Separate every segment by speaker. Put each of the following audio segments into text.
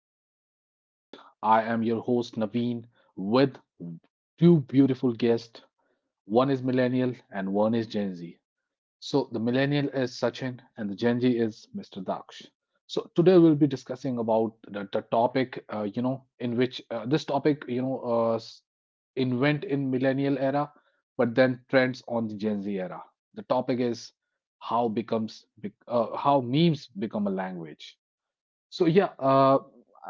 Speaker 1: to another podcast. I am your host, Naveen, with two beautiful guests. One is Millennial and one is Gen Z. So, the Millennial is Sachin and the Gen Z is Mr. Daksh. So, today we'll be discussing about the topic, in which this topic, invent in Millennial era, but then trends on the Gen Z era. The topic is how memes become a language. So yeah,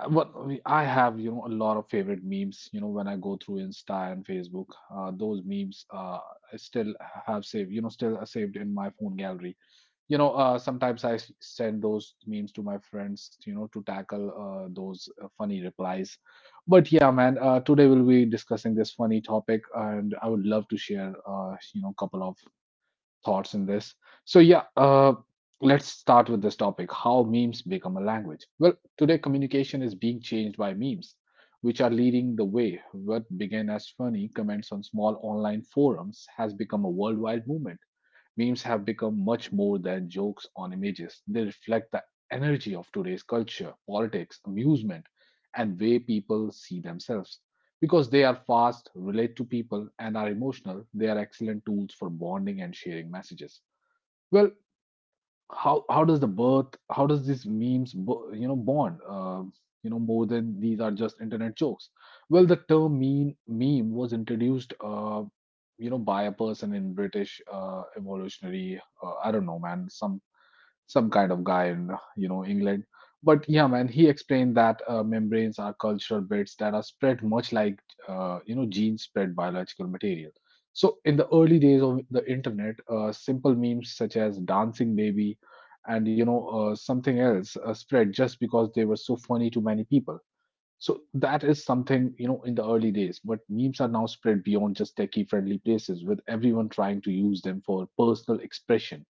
Speaker 1: what I have, a lot of favorite memes. You know, when I go through Insta and Facebook, those memes, I still have saved. You know, still are saved in my phone gallery. You know, sometimes I send those memes to my friends. You know, to tackle those funny replies. But yeah, man, today we'll be discussing this funny topic, and I would love to share, couple of thoughts in this. So, yeah, let's start with this topic how memes become a language. Well, today communication is being changed by memes, which are leading the way. What began as funny comments on small online forums has become a worldwide movement. Memes have become much more than jokes on images. They reflect the energy of today's culture, politics, amusement, and way people see themselves. Because they are fast, relate to people, and are emotional, they are excellent tools for bonding and sharing messages. Well, how does the birth how does these memes born, more than these are just internet jokes. Well, the term mean meme was introduced, by a person in British, evolutionary, I don't know man, some kind of guy in England. But yeah, man, he explained that membranes are cultural bits that are spread much like, genes spread biological material. So in the early days of the internet, simple memes such as dancing baby and something else spread just because they were so funny to many people. So that is something, in the early days, but memes are now spread beyond just techie friendly places with everyone trying to use them for personal expression.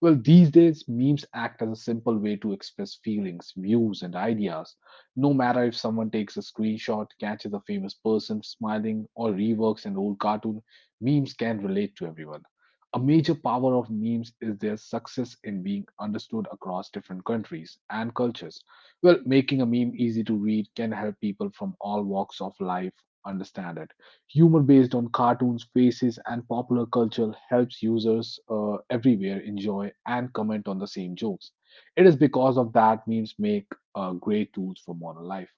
Speaker 1: Well, these days, memes act as a simple way to express feelings, views, and ideas. No matter if someone takes a screenshot, catches a famous person smiling, or reworks an old cartoon, memes can relate to everyone. A major power of memes is their success in being understood across different countries and cultures. Well, making a meme easy to read can help people from all walks of life understand it. Humor based on cartoons, faces, and popular culture helps users everywhere enjoy and comment on the same jokes. It is because of that memes make great tools for modern life.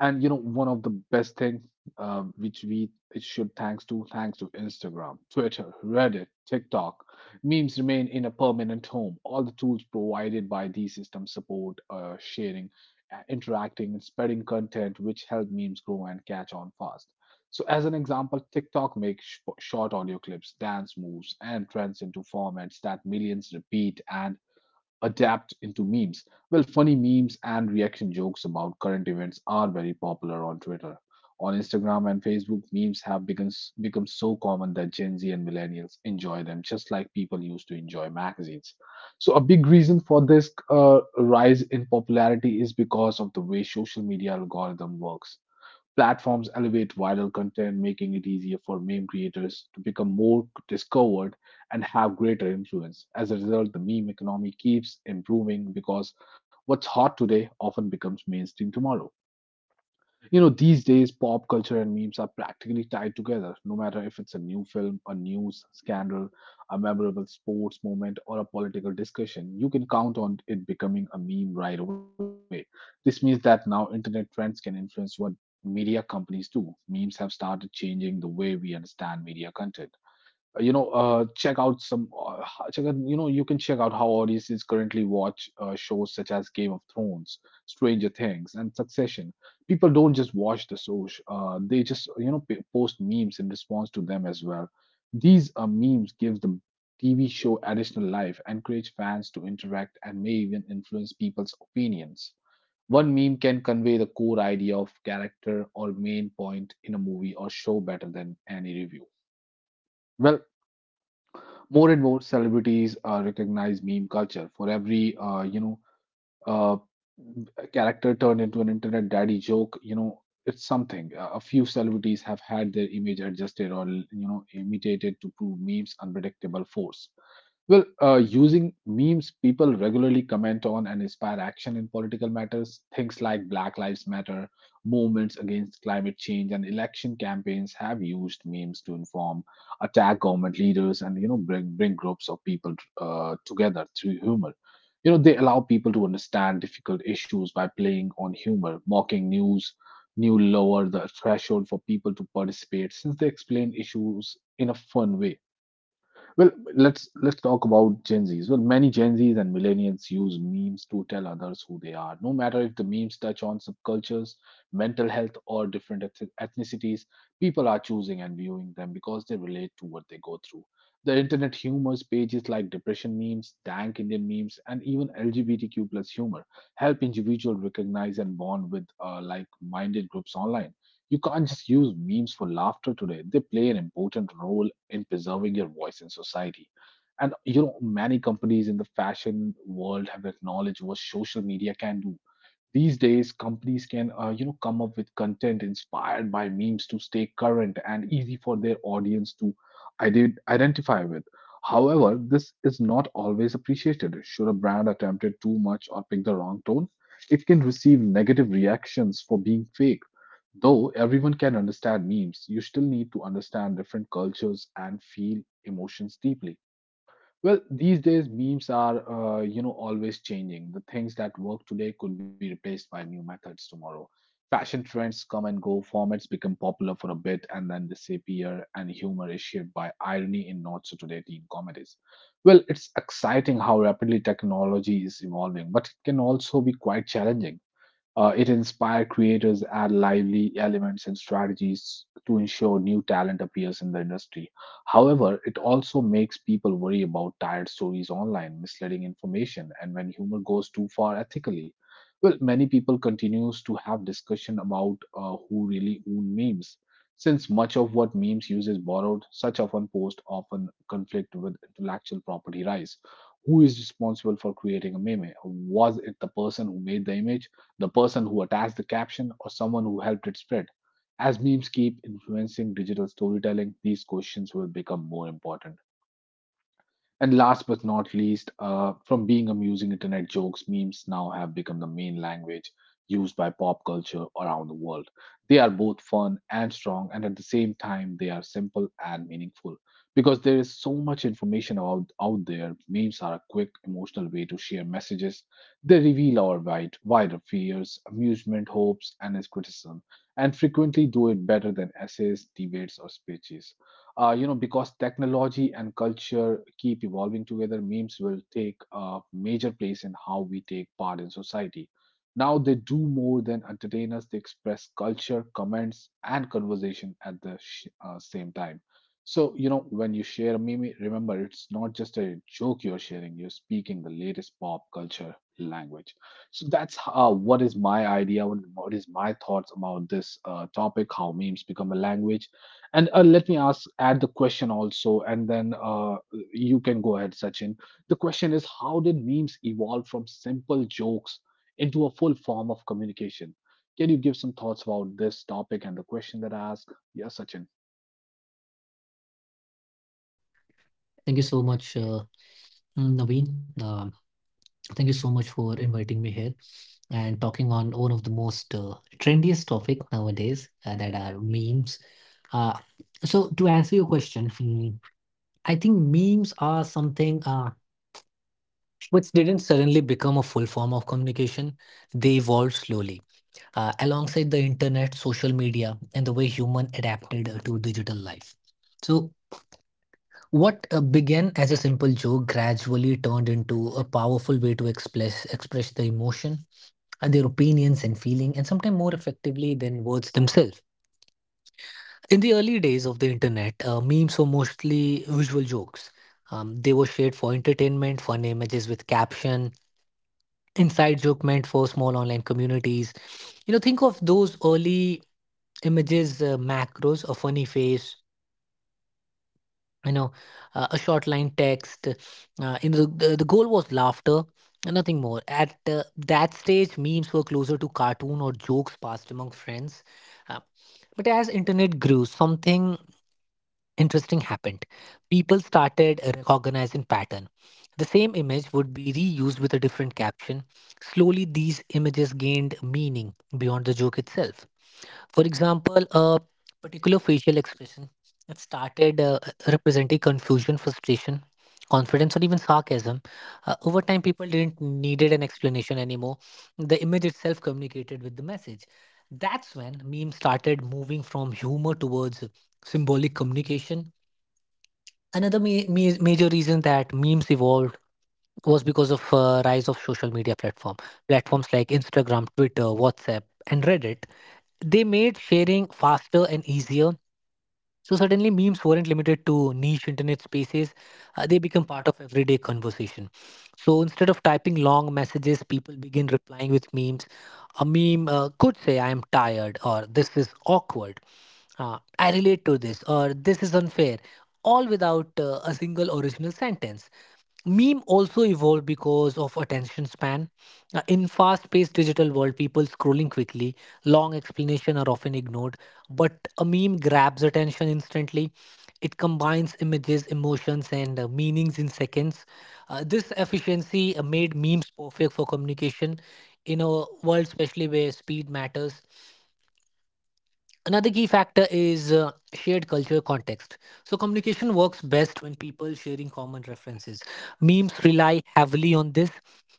Speaker 1: And you know, one of the best things, which we it should thanks to thanks to Instagram, Twitter, Reddit, TikTok, memes remain in a permanent home. All the tools provided by these systems support sharing, interacting, and spreading content, which help memes grow and catch on fast. So, as an example, TikTok makes short audio clips, dance moves, and trends into formats that millions repeat and adapt into memes. Well, funny memes and reaction jokes about current events are very popular on Twitter. On Instagram and Facebook, memes have become so common that Gen Z and millennials enjoy them just like people used to enjoy magazines. So, a big reason for this rise in popularity is because of the way social media algorithm works. Platforms elevate viral content, making it easier for meme creators to become more discovered and have greater influence. As a result, the meme economy keeps improving because what's hot today often becomes mainstream tomorrow. You know, these days, pop culture and memes are practically tied together. No matter if it's a new film, a news scandal, a memorable sports moment, or a political discussion, you can count on it becoming a meme right away. This means that now internet trends can influence what media companies do. Memes have started changing the way we understand media content. You know, check out, you know, you can check out how audiences currently watch shows such as Game of Thrones, Stranger Things, and Succession. People don't just watch the shows, they just, you know, post memes in response to them as well. These memes give the TV show additional life, encourage fans to interact, and may even influence people's opinions. One meme can convey the core idea of character or main point in a movie or show better than any review. Well, more and more celebrities recognize meme culture. For every uh, character turned into an internet daddy joke, you know, it's something. A few celebrities have had their image adjusted or, you know, imitated to prove memes unpredictable force. Well, using memes, people regularly comment on and inspire action in political matters. Things like Black Lives Matter, movements against climate change, and election campaigns have used memes to inform, attack government leaders, and, you know, bring groups of people together through humor. You know, they allow people to understand difficult issues by playing on humor, mocking news. New lower the threshold for people to participate since they explain issues in a fun way. Well, let's talk about Gen Zs. Well, many Gen Zs and millennials use memes to tell others who they are. No matter if the memes touch on subcultures, mental health, or different ethnicities, people are choosing and viewing them because they relate to what they go through. The internet humors pages like depression memes, dank Indian memes, and even LGBTQ plus humor help individuals recognize and bond with like-minded groups online. You can't just use memes for laughter today. They play an important role in preserving your voice in society. And you know, many companies in the fashion world have acknowledged what social media can do. These days, companies can, you know, come up with content inspired by memes to stay current and easy for their audience to identify with. However, this is not always appreciated. Should a brand attempt it too much or pick the wrong tone, it can receive negative reactions for being fake. Though everyone can understand memes, you still need to understand different cultures and feel emotions deeply. Well, these days memes are, you know, always changing. The things that work today could be replaced by new methods tomorrow. Fashion trends come and go, formats become popular for a bit and then disappear, and humor is shaped by irony in not so today teen comedies. Well, it's exciting how rapidly technology is evolving, but it can also be quite challenging. It inspired creators to add lively elements and strategies to ensure new talent appears in the industry. However, it also makes people worry about tired stories online, misleading information, and when humor goes too far ethically. Well, many people continues to have discussion about who really own memes. Since much of what memes use is borrowed, such often post often conflict with intellectual property rights. Who is responsible for creating a meme? Was it the person who made the image, the person who attached the caption, or someone who helped it spread? As memes keep influencing digital storytelling, these questions will become more important. And last but not least, from being amusing internet jokes, memes now have become the main language used by pop culture around the world. They are both fun and strong, and at the same time, they are simple and meaningful. Because there is so much information out there, memes are a quick, emotional way to share messages. They reveal our wider fears, amusement, hopes, and criticism, and frequently do it better than essays, debates, or speeches. Because technology and culture keep evolving together, memes will take a major place in how we take part in society. Now they do more than entertain us, they express culture comments and conversation at the same time. So you know, when you share a meme, remember it's not just a joke you're sharing, you're speaking the latest pop culture language. So that's what is my idea, what is my thoughts about this topic how memes become a language. And let me ask, add the question also, and then you can go ahead, Sachin. The question is, how did memes evolve from simple jokes into a full form of communication? Can you give some thoughts about this topic and the question that I asked? Yeah, Sachin.
Speaker 2: Thank you so much, Naveen. Thank you so much for inviting me here and talking on one of the most trendiest topic nowadays that are memes. Uh, so to answer your question, I think memes are something which didn't suddenly become a full form of communication. They evolved slowly alongside the internet, social media, and the way human adapted to digital life. So what began as a simple joke gradually turned into a powerful way to express the emotion, their opinions and feeling, and sometimes more effectively than words themselves. In the early days of the internet, memes were mostly visual jokes. They were shared for entertainment, fun images with caption, inside joke meant for small online communities. You know, think of those early images, macros, a funny face, you know a short line text, the goal was laughter and nothing more. At that stage memes were closer to cartoon or jokes passed among friends, uh, but as internet grew something interesting happened. People started recognizing pattern. The same image would be reused with a different caption. Slowly these images gained meaning beyond the joke itself. For example, a particular facial expression that started representing confusion, frustration, confidence, or even sarcasm. Over time, people didn't needed an explanation anymore. The image itself communicated with the message. That's when memes started moving from humor towards symbolic communication. Another major reason that memes evolved was because of rise of social media platforms like Instagram, Twitter, WhatsApp, and Reddit. They made sharing faster and easier. So suddenly, memes weren't limited to niche internet spaces, they become part of everyday conversation. So instead of typing long messages, people begin replying with memes. A meme could say, I am tired, or this is awkward. Ah, I relate to this, or this is unfair, all without a single original sentence. Meme also evolved because of attention span. In fast-paced digital world, people scrolling quickly, long explanation are often ignored, but a meme grabs attention instantly. It combines images, emotions, and meanings in seconds. This efficiency made memes perfect for communication in a world, especially where speed matters. Another key factor is shared cultural context. So, communication works best when people sharing common references. Memes rely heavily on this,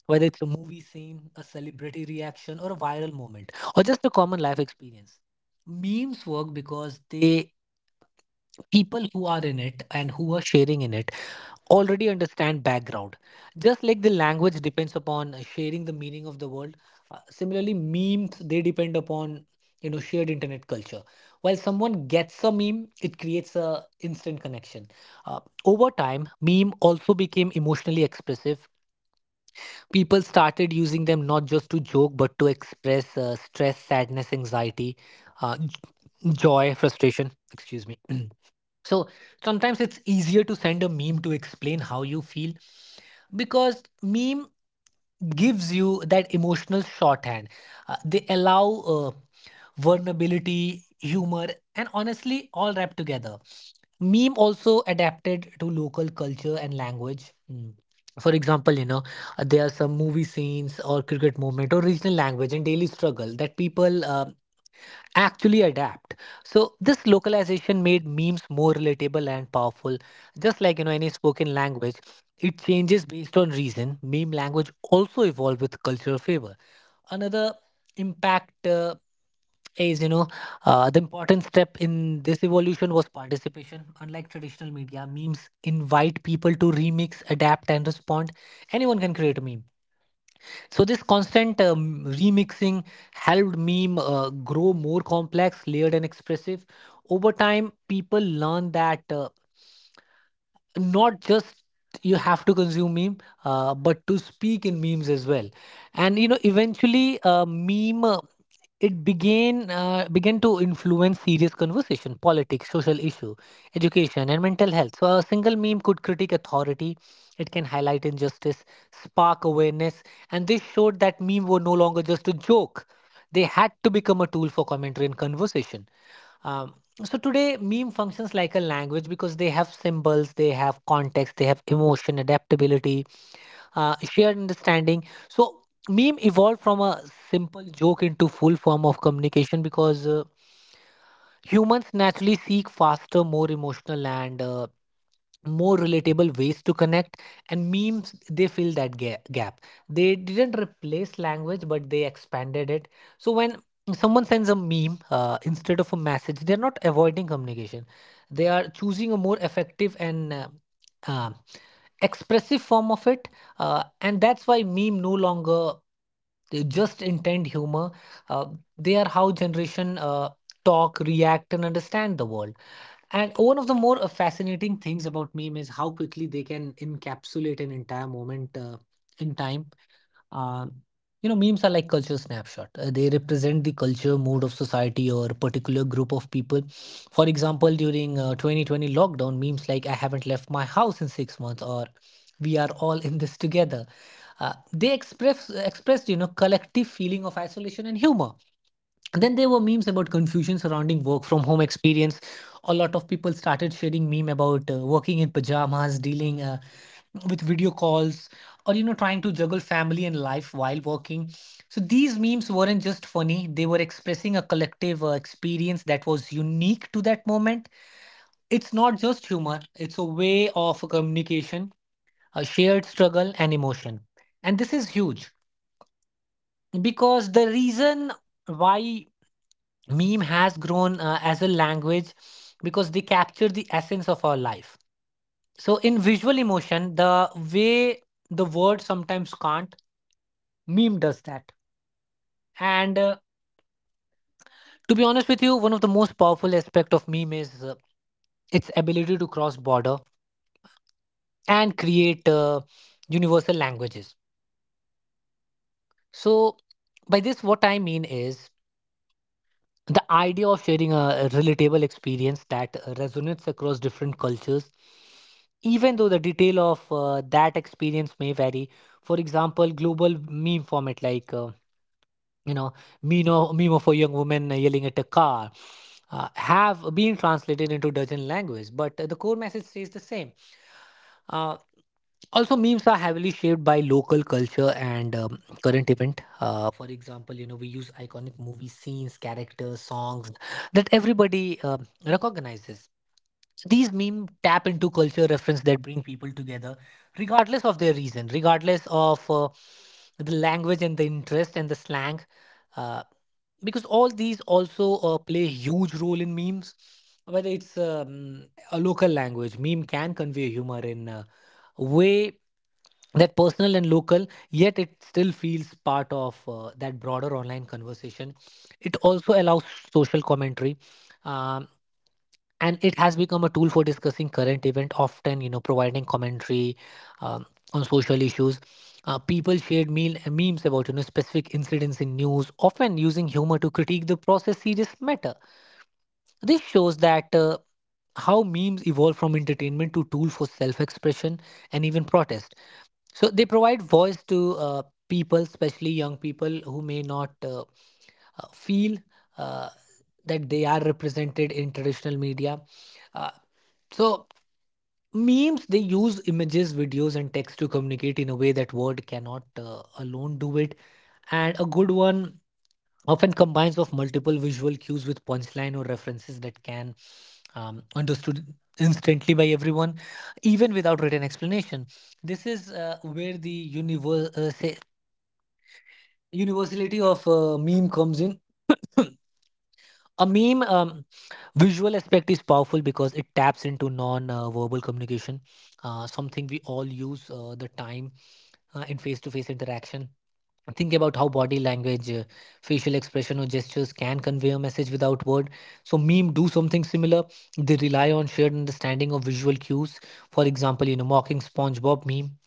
Speaker 2: whether it's a movie scene, a celebrity reaction, or a viral moment, or just a common life experience. Memes work because they, people who are in it and who are sharing in it, already understand background, just like the language depends upon sharing the meaning of the world. Uh, similarly memes they depend upon, you know, shared internet culture. While someone gets a meme it creates a instant connection. Uh, over time meme also became emotionally expressive. People started using them not just to joke but to express stress, sadness, anxiety, joy, frustration, excuse me. So sometimes it's easier to send a meme to explain how you feel because meme gives you that emotional shorthand. They allow uh, vulnerability, humor, and honestly, all wrapped together. Meme also adapted to local culture and language. Mm. For example, you know, there are some movie scenes or cricket moment or regional language and daily struggle that people actually adapt. So this localization made memes more relatable and powerful. Just like, you know, any spoken language, it changes based on reason. Meme language also evolved with cultural favor. Another impact, is, you know, the important step in this evolution was participation. Unlike traditional media, memes invite people to remix, adapt, and respond. Anyone can create a meme. So this constant remixing helped meme grow more complex, layered, and expressive. Over time, people learn that. Not just you have to consume meme but to speak in memes as well. And you know eventually meme it began began to influence serious conversation, politics, social issue, education, and mental health. So a single meme could critique authority, it can highlight injustice, spark awareness. And this showed that meme were no longer just a joke, they had to become a tool for commentary and conversation. Um, so today, meme functions like a language because they have symbols, they have context, they have emotion, adaptability, shared understanding. So meme evolved from a simple joke into full form of communication because humans naturally seek faster, more emotional and more relatable ways to connect, and memes they fill that gap. They didn't replace language but they expanded it. So when someone sends a meme instead of a message, they're not avoiding communication, they are choosing a more effective and uh, expressive form of it. Uh, and that's why meme no longer they just intend humor. Uh, they are how generation talk, react, and understand the world. And one of the more fascinating things about meme is how quickly they can encapsulate an entire moment in time. Uh, you know, memes are like culture snapshot. They represent the culture, mood of society, or a particular group of people. For example, during 2020 lockdown, memes like "I haven't left my house in 6 months" or "We are all in this together." They expressed, you know, collective feeling of isolation and humor. Then there were memes about confusion surrounding work from home experience. A lot of people started sharing meme about working in pajamas, dealing with video calls, or you know trying to juggle family and life while working. So these memes weren't just funny, they were expressing a collective experience that was unique to that moment. It's not just humor, it's a way of communication, a shared struggle and emotion. And this is huge, because the reason why meme has grown as a language, because they capture the essence of our life. So in visual emotion, the way the word sometimes can't, meme does that. And to be honest with you, one of the most powerful aspect of meme is its ability to cross border and create universal languages. So by this what I mean is the idea of sharing a relatable experience that resonates across different cultures, even though the detail of that experience may vary. For example, global meme format like you know meme of a young woman yelling at a car have been translated into dozen languages, but the core message stays the same. Uh, also memes are heavily shaped by local culture and current event. Uh, for example, you know, we use iconic movie scenes, characters, songs that everybody recognizes. These meme tap into culture reference that bring people together regardless of their reason, regardless of the language and the interest and the slang. Uh, because all these also play a huge role in memes. Whether it's, a local language meme can convey humor in way that personal and local, yet it still feels part of that broader online conversation. It also allows social commentary, um, and it has become a tool for discussing current event, often, you know, providing commentary um, on social issues. Uh, people memes about, you know, specific incidents in news, often using humor to critique the process serious matter. This shows that how memes evolve from entertainment to tool for self-expression and even protest. So they provide voice to people, especially young people who may not feel uh, that they are represented in traditional media. Uh, so memes they use images, videos, and text to communicate in a way that word cannot alone do it. And a good one often combines of multiple visual cues with punchline or references that can, understood instantly by everyone, even without written explanation. This is where the universality of meme comes in. A meme, visual aspect is powerful because it taps into non-verbal communication, something we all use the time in face-to-face interaction. Think about how body language, facial expression or gestures can convey a message without word. So meme do something similar, they rely on shared understanding of visual cues. For example, you know, mocking SpongeBob meme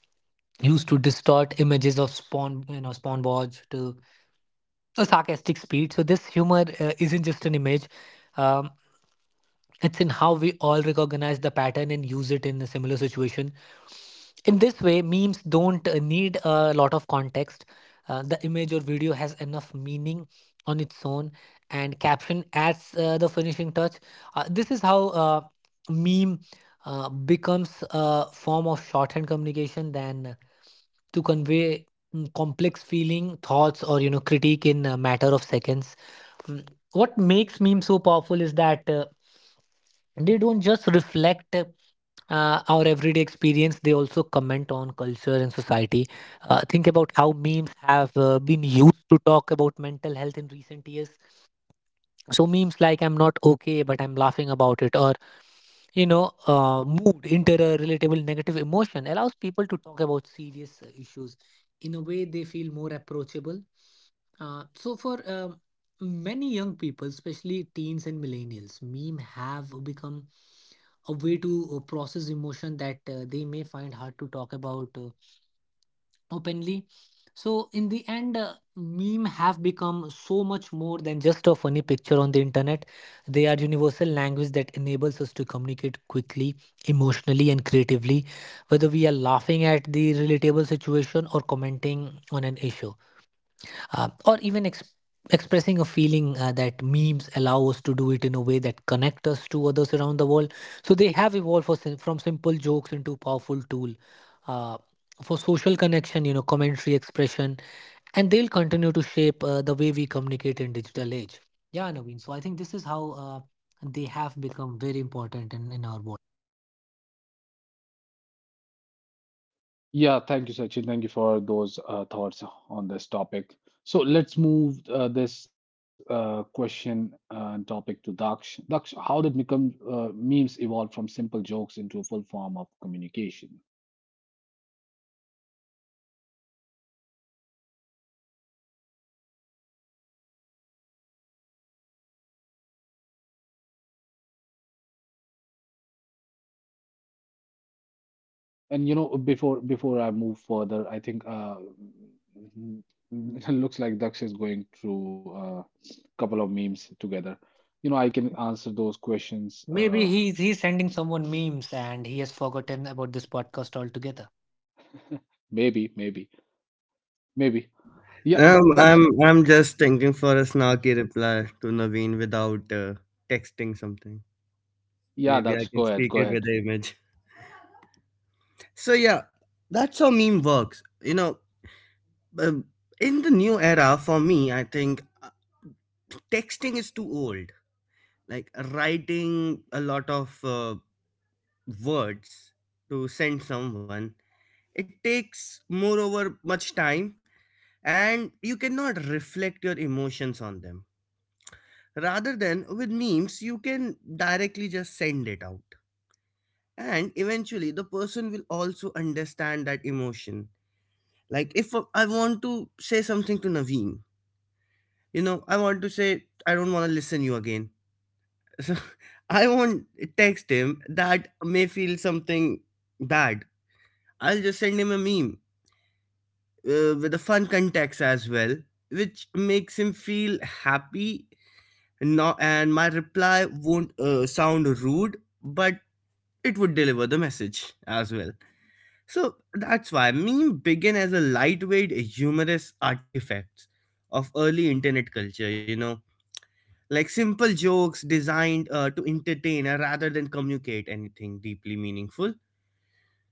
Speaker 2: used to distort images of spawn you know SpongeBob to a sarcastic speed. So this humor isn't just an image, um, it's in how we all recognize the pattern and use it in a similar situation. In this way, memes don't need a lot of context. The image or video has enough meaning on its own, and caption adds the finishing touch. This is how meme becomes a form of shorthand communication than to convey complex feeling, thoughts, or critique in a matter of seconds. Mm, What makes meme so powerful is that. They don't just reflect our everyday experience, they also comment on culture and society. Think about how memes have been used to talk about mental health in recent years. So, memes like I'm not okay, but I'm laughing about it, or moved into a relatable negative emotion allows people to talk about serious issues in a way they feel more approachable. So for many young people, especially teens and millennials, meme have become a way to process emotion that they may find hard to talk about openly. So in the end, meme have become so much more than just a funny picture on the internet. They are universal language that enables us to communicate quickly, emotionally, and creatively, whether we are laughing at the relatable situation or commenting on an issue or even expressing a feeling that memes allow us to do it in a way that connect us to others around the world. So they have evolved from simple jokes into powerful tool uh, for social connection, commentary expression, and they'll continue to shape the way we communicate in digital age. Yeah, Naveen, so I think this is how they have become very important in our world.
Speaker 1: Yeah, thank you, Sachin. Thank you for those thoughts on this topic. So let's move this question and topic to Daksh. Daksh, how did become memes evolve from simple jokes into a full form of communication? And you know, before I move further, I think it looks like Daksh is going through a couple of memes together. You know, I can answer those questions.
Speaker 2: Maybe he's sending someone memes and he has forgotten about this podcast altogether.
Speaker 1: Maybe, maybe, maybe. Yeah, D Daksh.
Speaker 3: I'm just thinking for a snarky reply to Naveen without texting something.
Speaker 1: Yeah, Daksh,
Speaker 3: Maybe
Speaker 1: go
Speaker 3: I can
Speaker 1: ahead, go
Speaker 3: speak
Speaker 1: ahead.
Speaker 3: it with the image. So yeah, that's how meme works. Um, in the new era for me, I think texting is too old. Like writing a lot of words to send someone, it takes moreover much time, and you cannot reflect your emotions on them rather than with memes you can directly just send it out and eventually the person will also understand that emotion. Like if I want to say something to Naveen, you know, I want to say I don't want to listen you again, so I won't text him that may feel something bad. I'll just send him a meme, with a fun context as well, which makes him feel happy. No, and my reply won't sound rude, but it would deliver the message as well. So that's why meme began as a lightweight, humorous artifact of early internet culture, you know, like simple jokes designed to entertain rather than communicate anything deeply meaningful.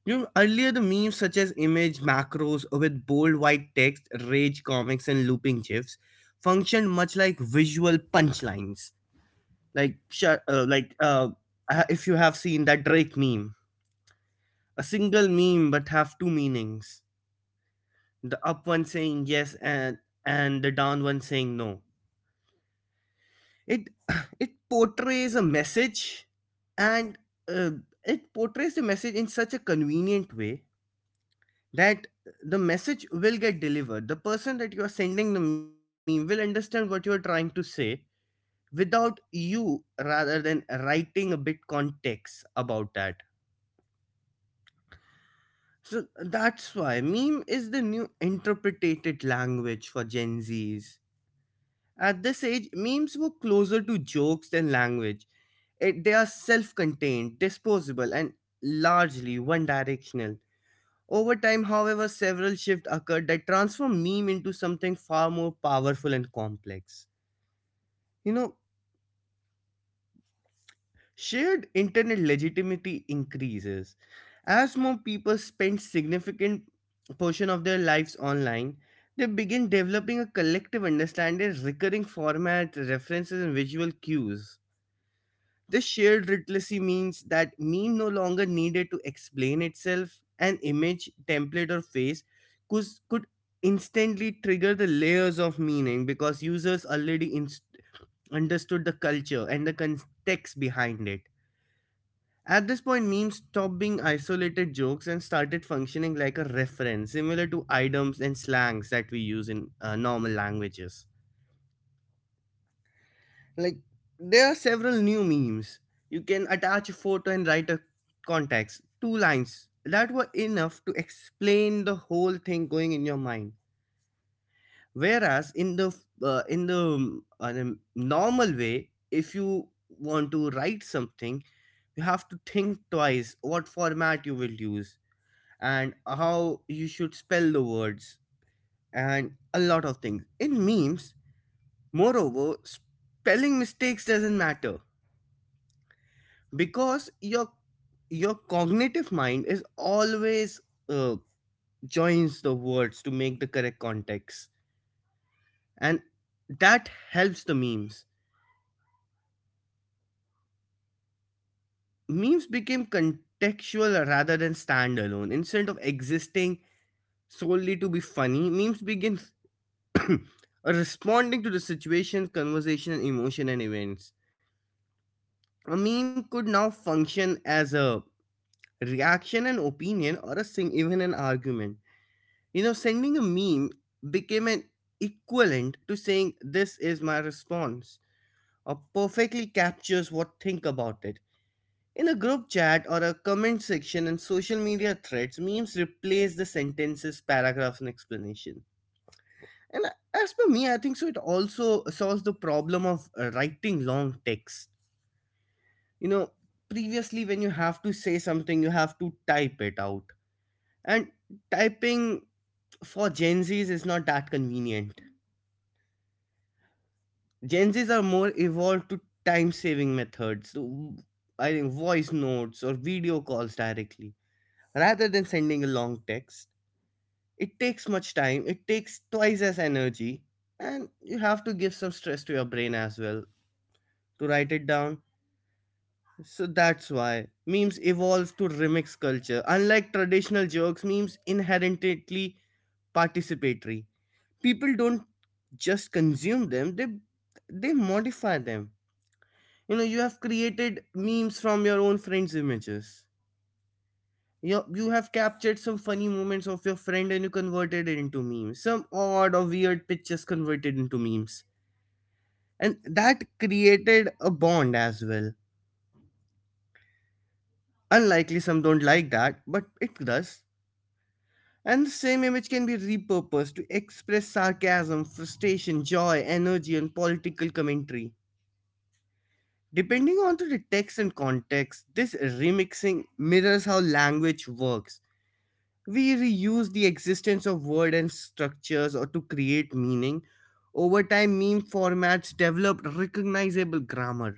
Speaker 3: You know, earlier the memes such as image macros with bold white text, rage comics, and looping gifs functioned much like visual punchlines. Like, sh- uh, like uh, if you have seen that Drake meme, a single meme but have two meanings. The up one saying yes, and the down one saying no. It it portrays a message and uh, it portrays the message in such a convenient way that the message will get delivered. The person that you are sending the meme will understand what you are trying to say without you rather than writing a bit context about that. So that's why meme is the new interpreted language for Gen Zs. At this age, memes were closer to jokes than language. It, they are self contained, disposable, and largely one directional. Over time, however, several shifts occurred that transformed meme into something far more powerful and complex. You know, shared internet legitimacy increases. As more people spend significant portion of their lives online, they begin developing a collective understanding of recurring formats, references, and visual cues. This shared literacy means that meme no longer needed to explain itself. An image, template, or face could instantly trigger the layers of meaning because users already understood the culture and the context behind it. At this point, memes stopped being isolated jokes and started functioning like a reference, similar to items and slangs that we use in normal languages. Like, there are several new memes. You can attach a photo and write a context, two lines that were enough to explain the whole thing going in your mind. Whereas in the the normal way, if you want to write something, you have to think twice what format you will use and how you should spell the words and a lot of things in memes. Moreover spelling mistakes doesn't matter because your cognitive mind is always uh, joins the words to make the correct context and that helps the memes. Memes became contextual rather than standalone. Instead of existing solely to be funny, memes begin responding to the situation, conversation, and emotion and events. A meme could now function as a reaction, an opinion, or a sing even an argument. You know, sending a meme became an equivalent to saying this is my response or perfectly captures what think about it. In a group chat or a comment section and social media threads, memes replace the sentences, paragraphs, and explanation. And as per me, I think so, it also solves the problem of writing long text. You know, previously, when you have to say something, you have to type it out. And typing for Gen Zs is not that convenient. Gen Zs are more evolved to time saving methods, so I think voice notes or video calls directly, rather than sending a long text. It takes much time, it takes twice as energy, and you have to give some stress to your brain as well to write it down. So that's why memes evolve to remix culture. Unlike traditional jokes, memes inherently participatory. People don't just consume them, they modify them. You know, you have created memes from your own friends' images. You have captured some funny moments of your friend and you converted it into memes. Some odd or weird pictures converted into memes. And that created a bond as well. Unlikely some don't like that, but it does. And the same image can be repurposed to express sarcasm, frustration, joy, energy, and political commentary. Depending on the text and context, this remixing mirrors how language works. We reuse the existence of words and structures or to create meaning. Over time, meme formats developed recognizable grammar,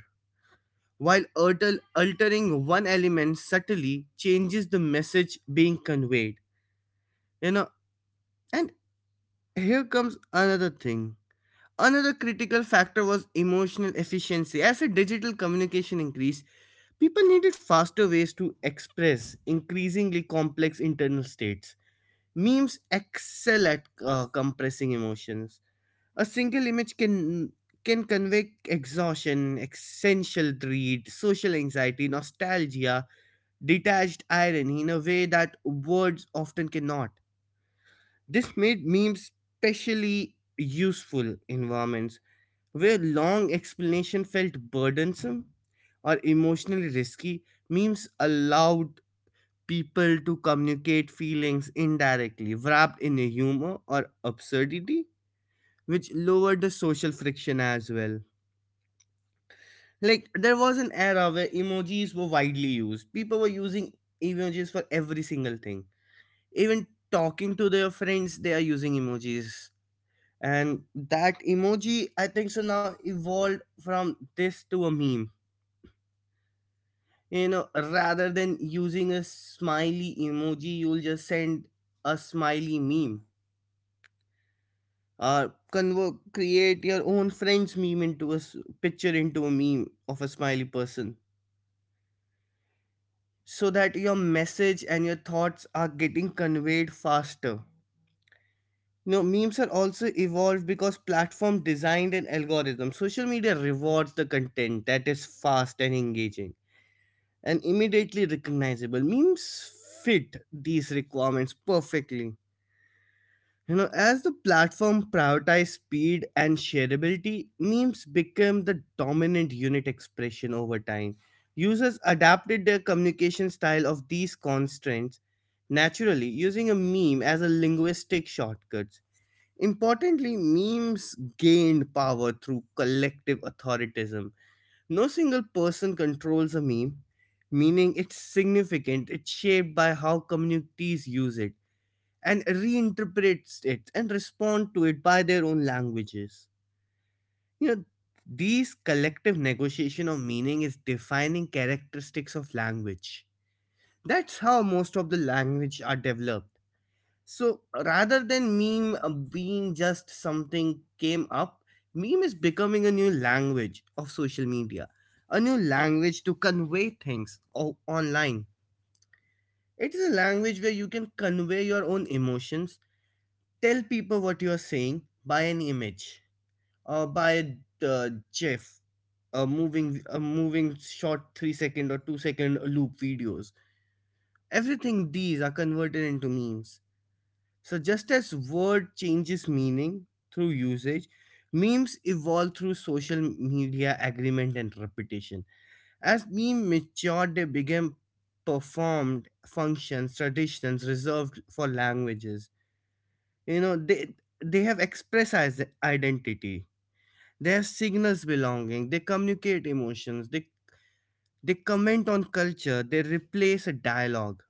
Speaker 3: while altering one element subtly changes the message being conveyed. You know, and here comes another thing. Another critical factor was emotional efficiency. As a digital communication increased, people needed faster ways to express increasingly complex internal states. Memes excel at compressing emotions. A single image can convey exhaustion, essential dread, social anxiety, nostalgia, detached irony in a way that words often cannot. This made memes specially useful environments where long explanation felt burdensome or emotionally risky. Memes allowed people to communicate feelings indirectly, wrapped in a humor or absurdity, which lowered the social friction as well. Like, there was an era where emojis were widely used. People were using emojis for every single thing. Even talking to their friends, they are using emojis. And that emoji, I think so, now evolved from this to a meme. You know, rather than using a smiley emoji you'll just send a smiley meme, or convert create your own friend's meme into a picture into a meme of a smiley person, so that your message and your thoughts are getting conveyed faster. You know, memes are also evolved because platform designed an algorithm. Social media rewards the content that is fast and engaging and immediately recognizable. Memes fit these requirements perfectly. You know, as the platform prioritize speed and shareability, memes became the dominant unit expression over time. Users adapted their communication style of these constraints naturally, using a meme as a linguistic shortcut. Importantly, memes gained power through collective authoritism. No single person controls a meme, meaning it's significant, it's shaped by how communities use it and reinterprets it and respond to it by their own languages. You know, these collective negotiation of meaning is defining characteristics of language. That's how most of the language are developed. So rather than meme being just something came up, meme is becoming a new language of social media, a new language to convey things online. It is a language where you can convey your own emotions, tell people what you are saying by an image or by a uh, gif, a moving a moving short 3 second or 2-second loop videos. Everything these are converted into memes. So just as word changes meaning through usage, memes evolve through social media agreement and repetition. As meme matured they became performed functions traditions reserved for languages. You know, they have express as identity, they have signals belonging, they communicate emotions, they comment on culture, they replace a dialogue.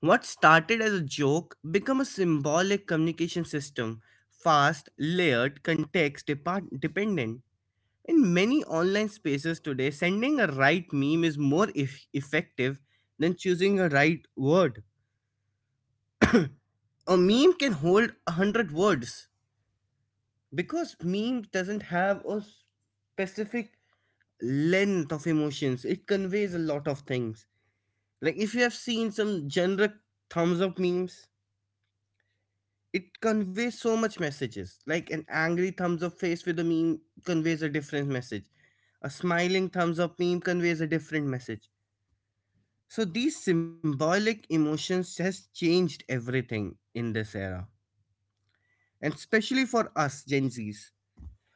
Speaker 3: What started as a joke become a symbolic communication system, fast layered context dependent. In many online spaces today sending a right meme is more effective than choosing a right word. A meme can hold 100 words because meme doesn't have a specific length of emotions. It conveys a lot of things. Like if you have seen some generic thumbs up memes, it conveys so much messages. Like an angry thumbs up face with a meme conveys a different message, a smiling thumbs up meme conveys a different message. So these symbolic emotions has changed everything in this era, and especially for us Gen Z's.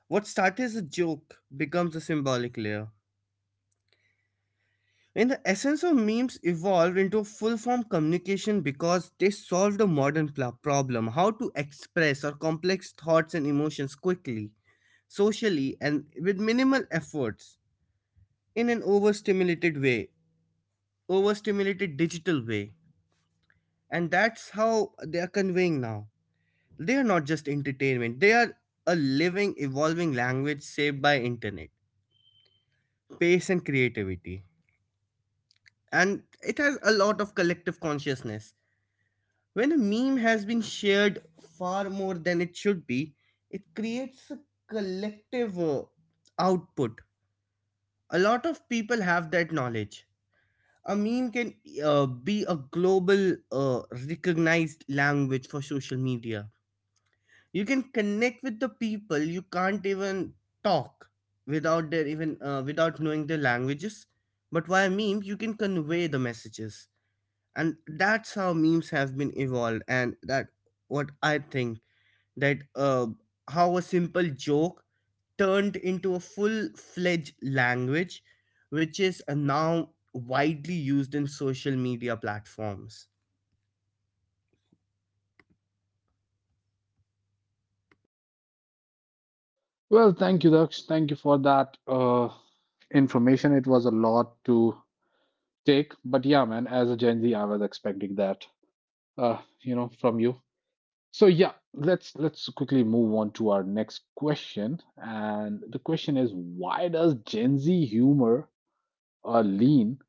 Speaker 3: What started as a joke becomes a symbolic layer. And the essence of memes evolved into full form communication because they solved a modern problem: how to express our complex thoughts and emotions quickly, socially, and with minimal efforts in an overstimulated way, overstimulated digital way. And that's how they are conveying now. They are not just entertainment, they are a living, evolving language shaped by internet, pace, and creativity. And it has a lot of collective consciousness. When a meme has been shared far more than it should be, it creates a collective output. A lot of people have that knowledge. A meme can be a global recognized language for social media. You can connect with the people you can't even talk without their even without knowing their languages. But via meme, you can convey the messages, and that's how memes have been evolved, and that what I think that how a simple joke turned into a full fledged language, which is now widely used in social media platforms.
Speaker 1: Well, thank you, Daksh. Thank you for that information. It was a lot to take, but yeah, man, as a Gen Z, I was expecting that. You know, from you. So yeah, let's quickly move on to our next question. And the question is, why does Gen Z humor lean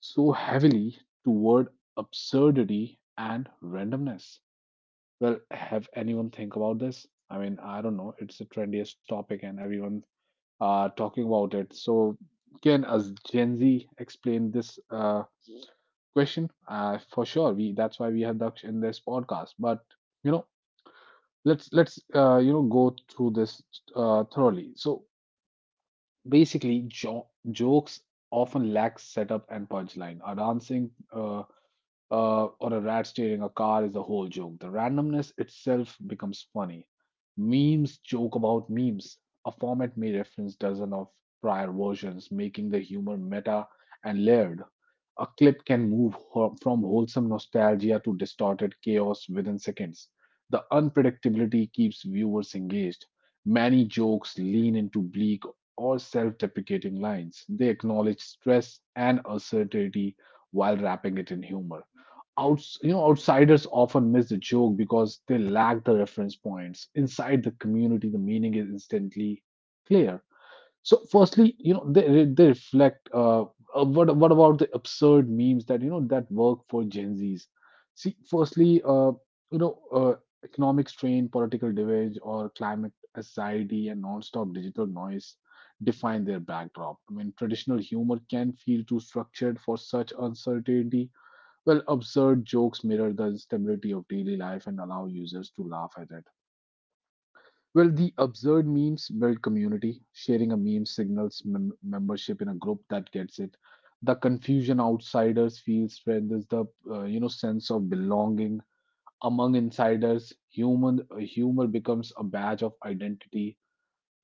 Speaker 1: so heavily toward absurdity and randomness? Well, have anyone think about this? I mean, I don't know. It's the trendiest topic, and everyone talking about it. So can as Gen Z explain this question? For sure, we that's why we have Daksh in this podcast. But you know let's you know go through this thoroughly. So basically, jo jokes often lack setup and punchline. Our dancing or a rat steering a car is a whole joke. The randomness itself becomes funny. Memes joke about memes. A format may reference dozens of prior versions, making the humor meta and layered. A clip can move from wholesome nostalgia to distorted chaos within seconds. The unpredictability keeps viewers engaged. Many jokes lean into bleak or self deprecating lines. They acknowledge stress and uncertainty while wrapping it in humor outs you know outsiders often miss the joke because they lack the reference points inside the community. The meaning is instantly clear. So firstly, you know they reflect, what about the absurd memes that you know that work for Gen Z's? See, firstly, you know, economic strain, political divide, or climate anxiety and non-stop digital noise define their backdrop. I mean traditional humor can feel too structured for such uncertainty. Well, absurd jokes mirror the stability of daily life and allow users to laugh at it. Well, the absurd memes build community. Sharing a meme signals membership in a group that gets it. The confusion outsiders feel strengthens the, you know, sense of belonging among insiders. Human humor becomes a badge of identity.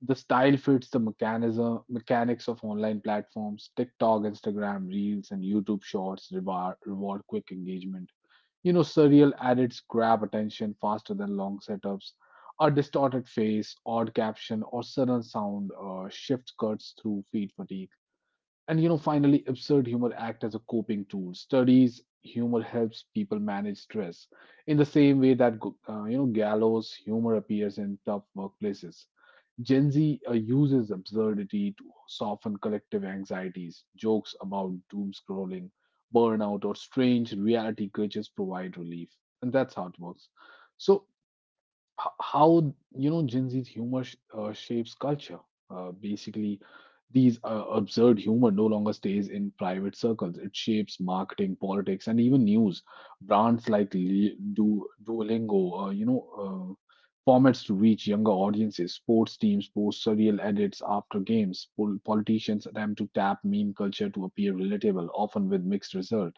Speaker 1: The style fits the mechanism mechanics of online platforms. TikTok, Instagram, Reels, and YouTube Shorts reward quick engagement. You know, surreal edits grab attention faster than long setups. A distorted face, odd caption, or sudden sound shift cuts through feed fatigue. And you know, finally, absurd humor act as a coping tool. Studies humor helps people manage stress in the same way that you know gallows humor appears in tough workplaces. Gen Z uses absurdity to soften collective anxieties. Jokes about doom scrolling, burnout, or strange reality glitches provide relief, and that's how it works. So, how you know Gen Z's humor shapes culture? Basically, these absurd humor no longer stays in private circles. It shapes marketing, politics, and even news. Brands like Duolingo, you know, formats to reach younger audiences. Sports teams post surreal edits after games. Politicians attempt to tap meme culture to appear relatable, often with mixed result.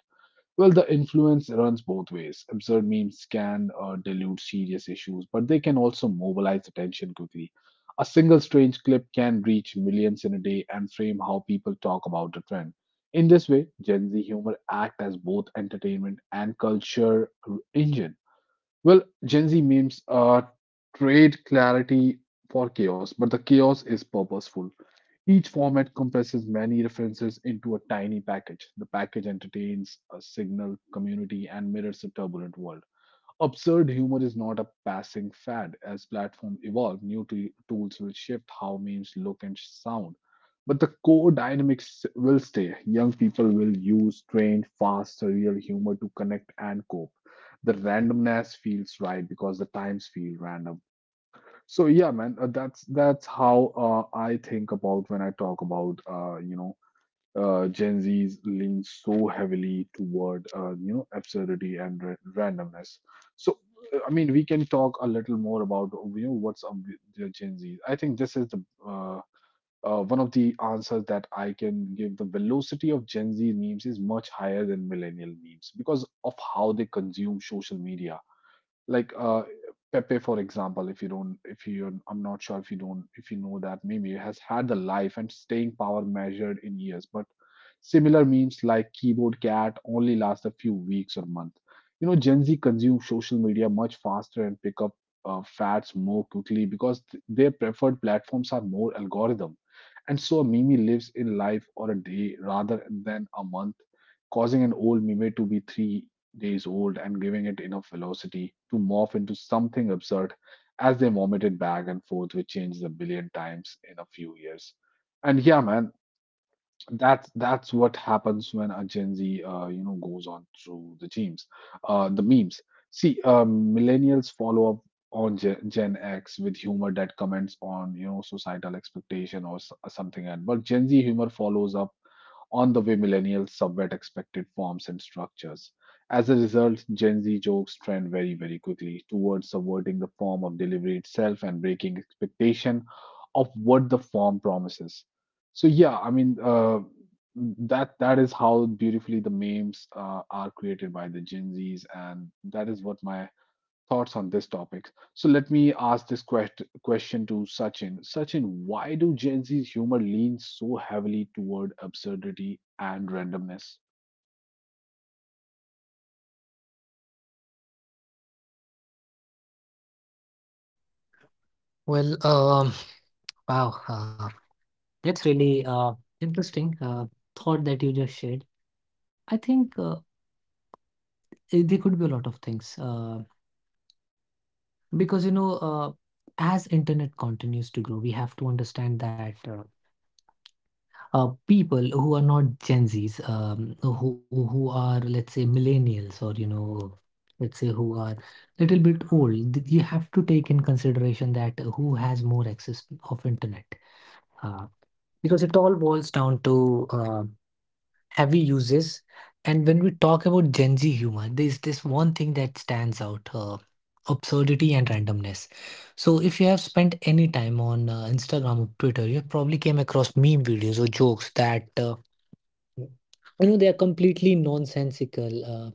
Speaker 1: Well, the influence runs both ways. Absurd memes can dilute serious issues, but they can also mobilize attention quickly. A single strange clip can reach millions in a day and frame how people talk about the trend. In this way, Gen Z humor act as both entertainment and culture engine. Well, Gen Z memes trade clarity for chaos, but the chaos is purposeful. Each format compresses many references into a tiny package. The package entertains a signal community and mirrors a turbulent world. Absurd humor is not a passing fad. As platforms evolve, new tools will shift how memes look and sound. But the core dynamics will stay. Young people will use strange, fast, surreal humor to connect and cope. The randomness feels right because the times feel random. So yeah, man, that's how I think about when I talk about you know Gen Z's lean so heavily toward you know absurdity and randomness. So I mean, we can talk a little more about you know what's up with the Gen Z. I think this is the one of the answers that I can give. The velocity of Gen Z memes is much higher than millennial memes because of how they consume social media like Pepe, for example, if you, I'm not sure if you know that Mimi has had the life and staying power measured in years, but similar memes like Keyboard Cat only last a few weeks or month. You know, Gen Z consume social media much faster and pick up fads more quickly because their preferred platforms are more algorithm, and so a meme lives in life or a day rather than a month, causing an old meme to be 3 days old and giving it enough velocity to morph into something absurd as they vomited back and forth, which changes a billion times in a few years. And yeah, man, that's what happens when a Gen Z, you know, goes on through the memes. The memes. See, millennials follow up on Gen X with humor that comments on, you know, societal expectation or something. And but Gen Z humor follows up on the way millennials subvert expected forms and structures. As a result, Gen Z jokes trend very, very quickly towards subverting the form of delivery itself and breaking expectation of what the form promises. So yeah, I mean that is how beautifully the memes are created by the Gen Zs, and that is what my thoughts on this topic. So let me ask this question to Sachin. Sachin, why do Gen Z's humor lean so heavily toward absurdity and randomness?
Speaker 2: Well, wow. That's really interesting thought that you just shared. I think there could be a lot of things because as internet continues to grow, we have to understand that people who are not Gen Zs, who are, let's say, millennials, or you know, let's say who are little bit old, you have to take in consideration that who has more access of internet uh, because it all boils down to heavy uses. And when we talk about Gen Z humor, there's this one thing that stands out: absurdity and randomness. So, if you have spent any time on Instagram or Twitter, you have probably came across meme videos or jokes that, they are completely nonsensical,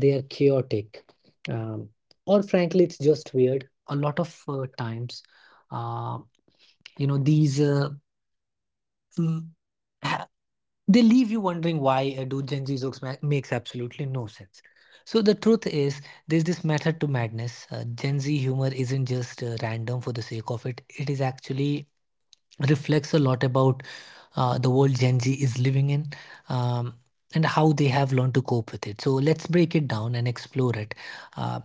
Speaker 2: they are chaotic, um, or frankly, it's just weird. A lot of times, uh, you know, these. Uh, mm, they leave you wondering why do Gen Z jokes makes absolutely no sense. So the truth is, there's this method to madness. Gen Z humor isn't just random for the sake of it. It is actually reflects a lot about the world Gen Z is living in. Um, and how they have learned to cope with it. So let's break it down and explore it. Uh,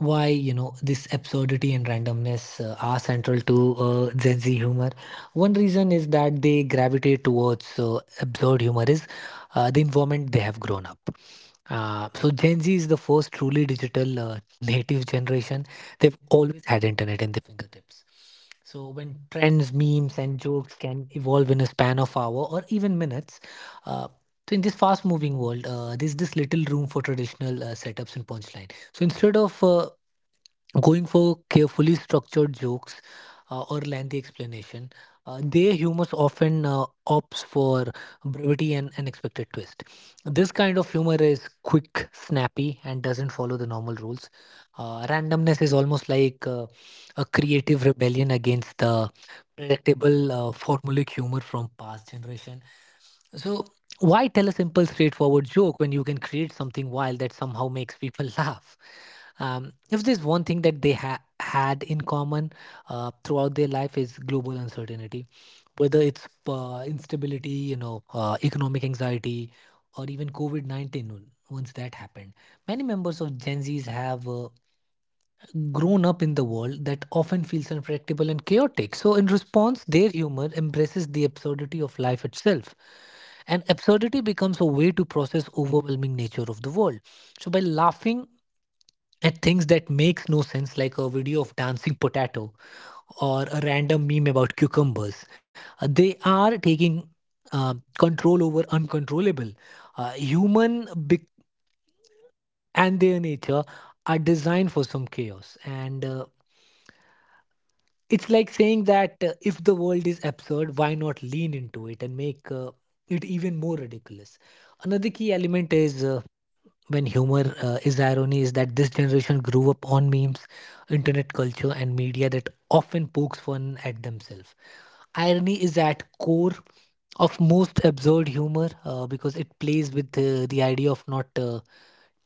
Speaker 2: why, you know, this absurdity and randomness are central to Gen Z humor. One reason is that they gravitate towards absurd humor is the environment they have grown up. So Gen Z is the first truly digital native generation. They've always had internet in their fingertips. So when trends, memes, and jokes can evolve in a span of hour or even minutes, uh, so in this fast-moving world, there's this little room for traditional setups and punchline. So instead of going for carefully structured jokes or lengthy explanation. Their humor often opts for brevity and unexpected twist. This kind of humor is quick, snappy, and doesn't follow the normal rules. Randomness is almost like a creative rebellion against the predictable formulaic humor from past generation. So, why tell a simple, straightforward joke when you can create something wild that somehow makes people laugh? If there's one thing that they had in common throughout their life is global uncertainty, whether it's instability, economic anxiety, or even COVID 19, once that happened. Many members of Gen Zs have grown up in the world that often feels unpredictable and chaotic. So, in response, their humor embraces the absurdity of life itself. And absurdity becomes a way to process overwhelming nature of the world. So, by laughing at things that makes no sense, like a video of dancing potato or a random meme about cucumbers, they are taking uh, control over uncontrollable. Human bec and their nature are designed for some chaos and it's like saying that if the world is absurd, why not lean into it and make it even more ridiculous? Another key element is when humor is irony is that this generation grew up on memes, internet culture, and media that often pokes fun at themselves. Irony is at core of most absurd humor because it plays with the idea of not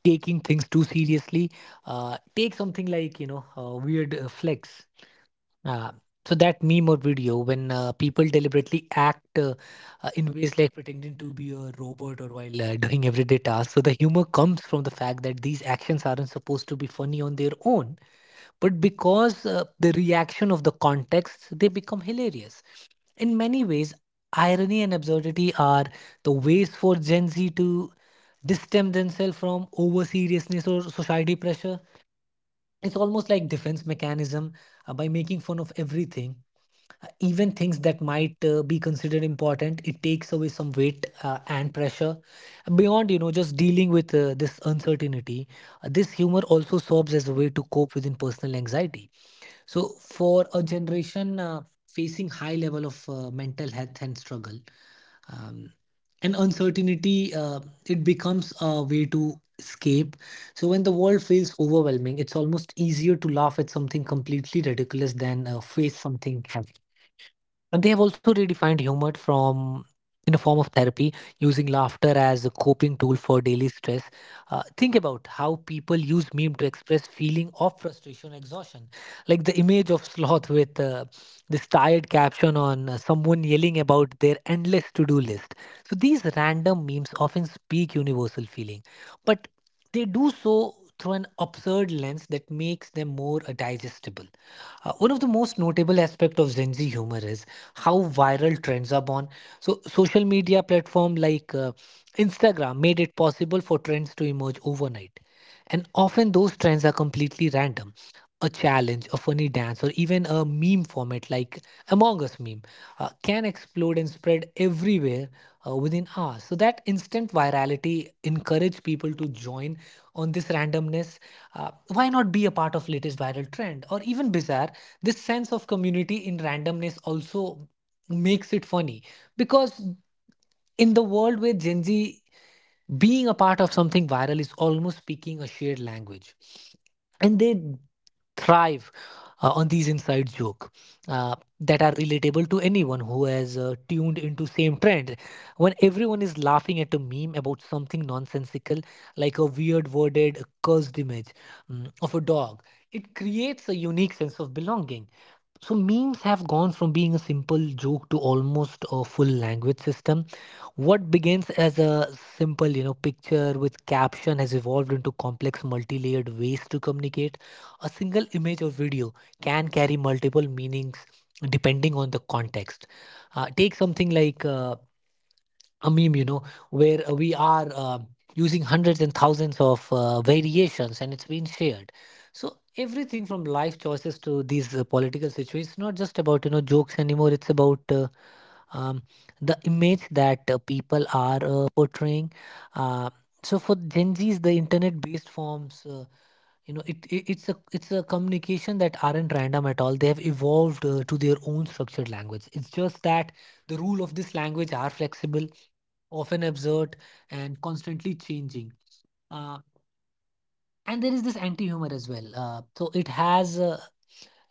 Speaker 2: taking things too seriously. Take something like, you know, weird flex. Uh, so that meme or video when people deliberately act in ways like pretending to be a robot or while doing everyday tasks. So the humor comes from the fact that these actions aren't supposed to be funny on their own, but because the reaction of the context, they become hilarious. In many ways, irony and absurdity are the ways for Gen Z to distance themselves from over seriousness or society pressure. It's almost like defense mechanism, by making fun of everything, even things that might be considered important. It takes away some weight and pressure beyond, you know, just dealing with this uncertainty. This humor also serves as a way to cope within personal anxiety. So for a generation facing high level of mental health and struggle, um, and uncertainty, it becomes a way to escape. So when the world feels overwhelming, it's almost easier to laugh at something completely ridiculous than face something heavy. And they have also redefined humor from in a form of therapy, using laughter as a coping tool for daily stress. Think about how people use meme to express feeling of frustration, exhaustion, like the image of sloth with this tired caption on someone yelling about their endless to-do list. So these random memes often speak universal feeling, but they do so through an absurd lens that makes them more digestible. One of the most notable aspects of Gen Z humor is how viral trends are born. So, social media platform like Instagram made it possible for trends to emerge overnight, and often those trends are completely random. A challenge, a funny dance, or even a meme format like Among Us meme can explode and spread everywhere within hours. So that instant virality encourage people to join on this randomness. Why not be a part of latest viral trend or even bizarre? This sense of community in randomness also makes it funny because in the world where Gen Z being a part of something viral is almost speaking a shared language, and they thrive on these inside joke uh, that are relatable to anyone who has tuned into same trend. When everyone is laughing at a meme about something nonsensical like a weird worded cursed image, of a dog, it creates a unique sense of belonging. So memes have gone from being a simple joke to almost a full language system. What begins as a simple, you know, picture with caption has evolved into complex multi-layered ways to communicate. A single image or video can carry multiple meanings depending on the context. Take something like a meme, you know, where we are using hundreds and thousands of variations and it's been shared. So everything from life choices to these political situations, it's not just about, you know, jokes anymore. It's about, um, the image that people are portraying. Uh, so for Gen Zs, the internet-based forms, you know, it's a communication that aren't random at all. They have evolved to their own structured language. It's just that the rule of this language are flexible, often absurd, and constantly changing. Uh, and there is this anti humor as well. So it has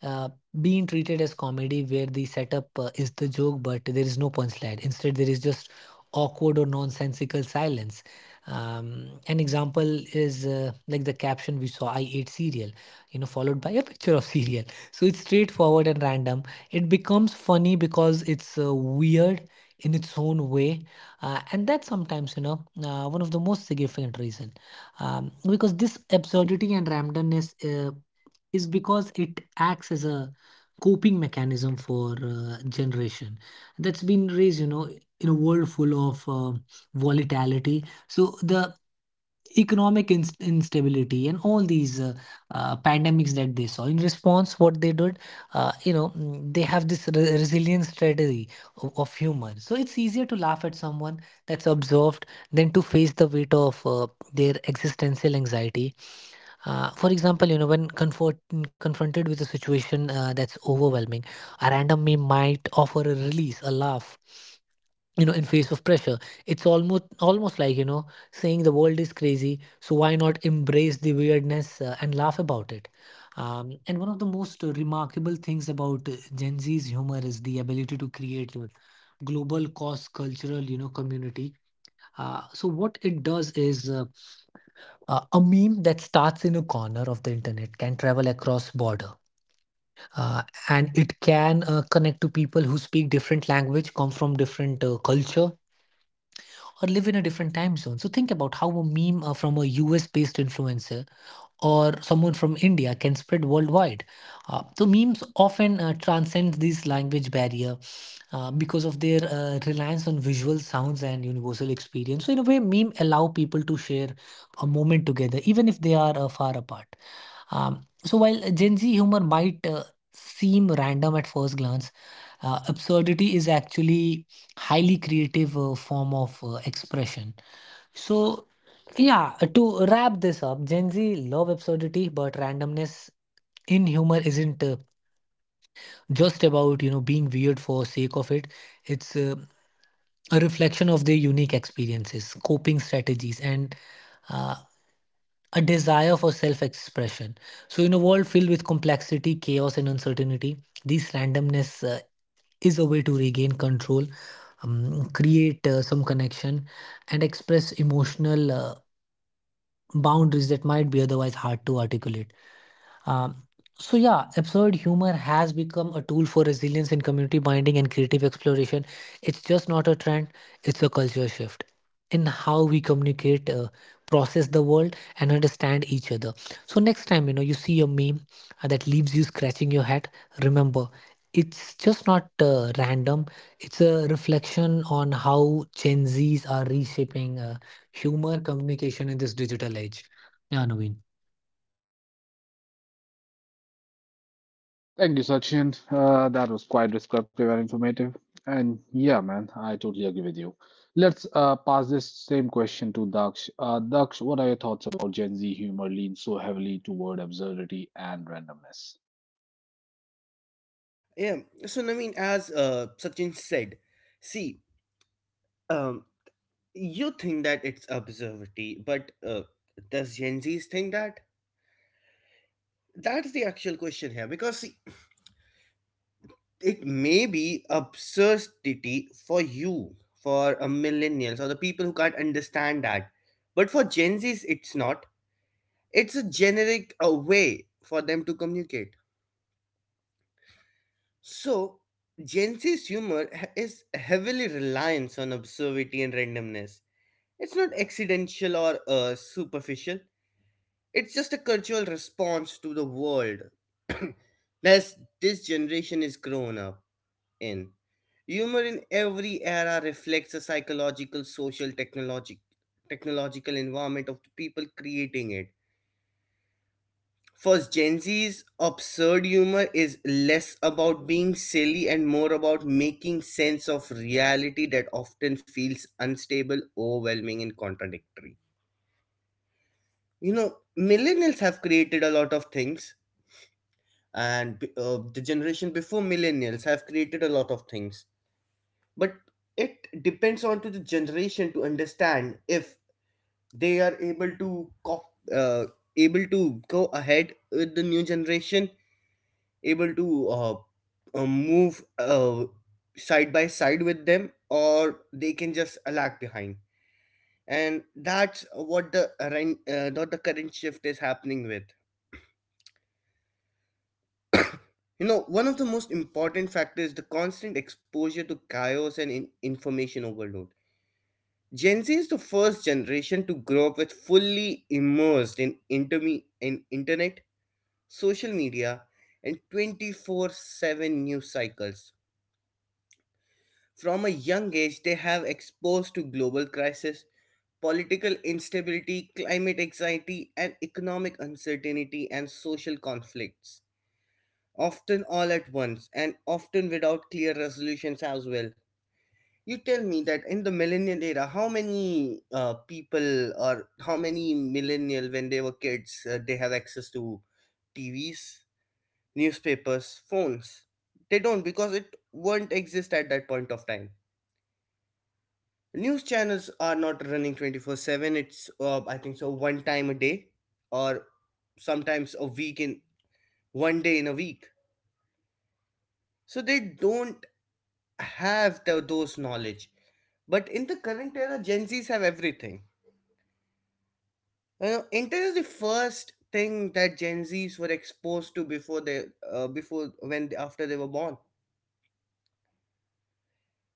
Speaker 2: uh, being treated as comedy where the setup is the joke, but there is no punchline. Instead there is just awkward or nonsensical silence. An example is like the caption we saw: I ate cereal, you know, followed by a picture of cereal. So it's straightforward and random, it becomes funny because it's weird in its own way. And that's sometimes, you know, one of the most significant reason, because this absurdity and randomness is because it acts as a coping mechanism for generation that's been raised, you know, in a world full of volatility. So the economic instability and all these pandemics that they saw in response, what they did, they have this resilience strategy of humor. So it's easier to laugh at someone that's observed than to face the weight of their existential anxiety. For example, you know, when confronted with a situation that's overwhelming, a random meme might offer a release, a laugh, you know, in face of pressure. It's almost like, you know, saying the world is crazy, so why not embrace the weirdness and laugh about it? And one of the most remarkable things about Gen Z's humor is the ability to create a global cross-cultural, you know, community. So what it does is a meme that starts in a corner of the internet can travel across border uh, and it can connect to people who speak different language, come from different culture, or live in a different time zone. So think about how a meme from a US based influencer or someone from India can spread worldwide. So memes often transcend these language barrier because of their reliance on visual sounds and universal experience. So in a way, meme allow people to share a moment together even if they are far apart. So while Gen Z humor might seem random at first glance, absurdity is actually highly creative form of expression. So yeah, to wrap this up, Gen Z love absurdity, but randomness in humor isn't just about, you know, being weird for sake of it. It's a reflection of their unique experiences, coping strategies, and uh, a desire for self expression. So, in a world filled with complexity, chaos, and uncertainty, this randomness is a way to regain control, create some connection, and express emotional boundaries that might be otherwise hard to articulate. Um, so yeah, absurd humor has become a tool for resilience and community binding and creative exploration. It's just not a trend; it's a culture shift in how we communicate, process the world, and understand each other. So next time, you know, you see a meme that leaves you scratching your head, remember. It's just not random. It's a reflection on how Gen Zs are reshaping humor communication in this digital age. Yeah, Naveen.
Speaker 1: Thank you, Sachin. That was quite descriptive and informative. And yeah, man, I totally agree with you. Let's pass this same question to Daksh. Daksh, what are your thoughts about Gen Z humor leans so heavily toward absurdity and randomness?
Speaker 3: Yeah, so I mean, as Sachin said, see, um, you think that it's observity, but does Gen Zs think that? That's the actual question here because see, it may be absurdity for you, for a millennials or the people who can't understand that, but for Gen Zs, it's not. It's a generic way for them to communicate. So Gen Z's is heavily reliance on absurdity and randomness. It's not accidental or superficial. It's just a cultural response to the world that this generation is grown up in. Humor in every era reflects the psychological, social, technological environment of the people creating it. For Gen Z's absurd humor is less about being silly and more about making sense of reality that often feels unstable, overwhelming, and contradictory. You know, millennials have created a lot of things and the generation before millennials have created a lot of things but it depends on to the generation to understand if they are able to uh, able to go ahead with the new generation able to move side by side with them or they can just lag behind and that's what the not the current shift is happening with. You know, one of the most important factors is the constant exposure to chaos and information overload. Gen Z is the first generation to grow up with fully immersed in internet, social media, and 24/7 news cycles. From a young age, they have exposed to global crisis, political instability, climate anxiety, and economic uncertainty and social conflicts often all at once and often without clear resolutions as well. You tell me that in the millennial era, how many people or how many millennial when they were kids, they have access to TVs, newspapers, phones. They don't because it won't exist at that point of time. News channels are not running 24/7. It's I think so one time a day or sometimes a week in 1 day in a week. So they don't have those knowledge. But in the current era, Gen Zs have everything. You know, internet is the first thing that Gen Zs were exposed to before they, before when after they were born.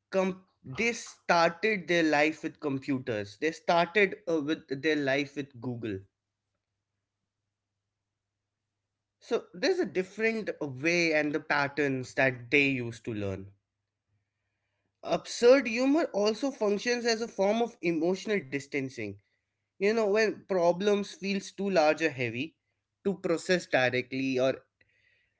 Speaker 3: They started their life with computers. They started with their life with Google. So there's a different way and the patterns that they used to learn. Absurd humor also functions as a form of emotional distancing. You know, when problems feels too large or heavy to process directly or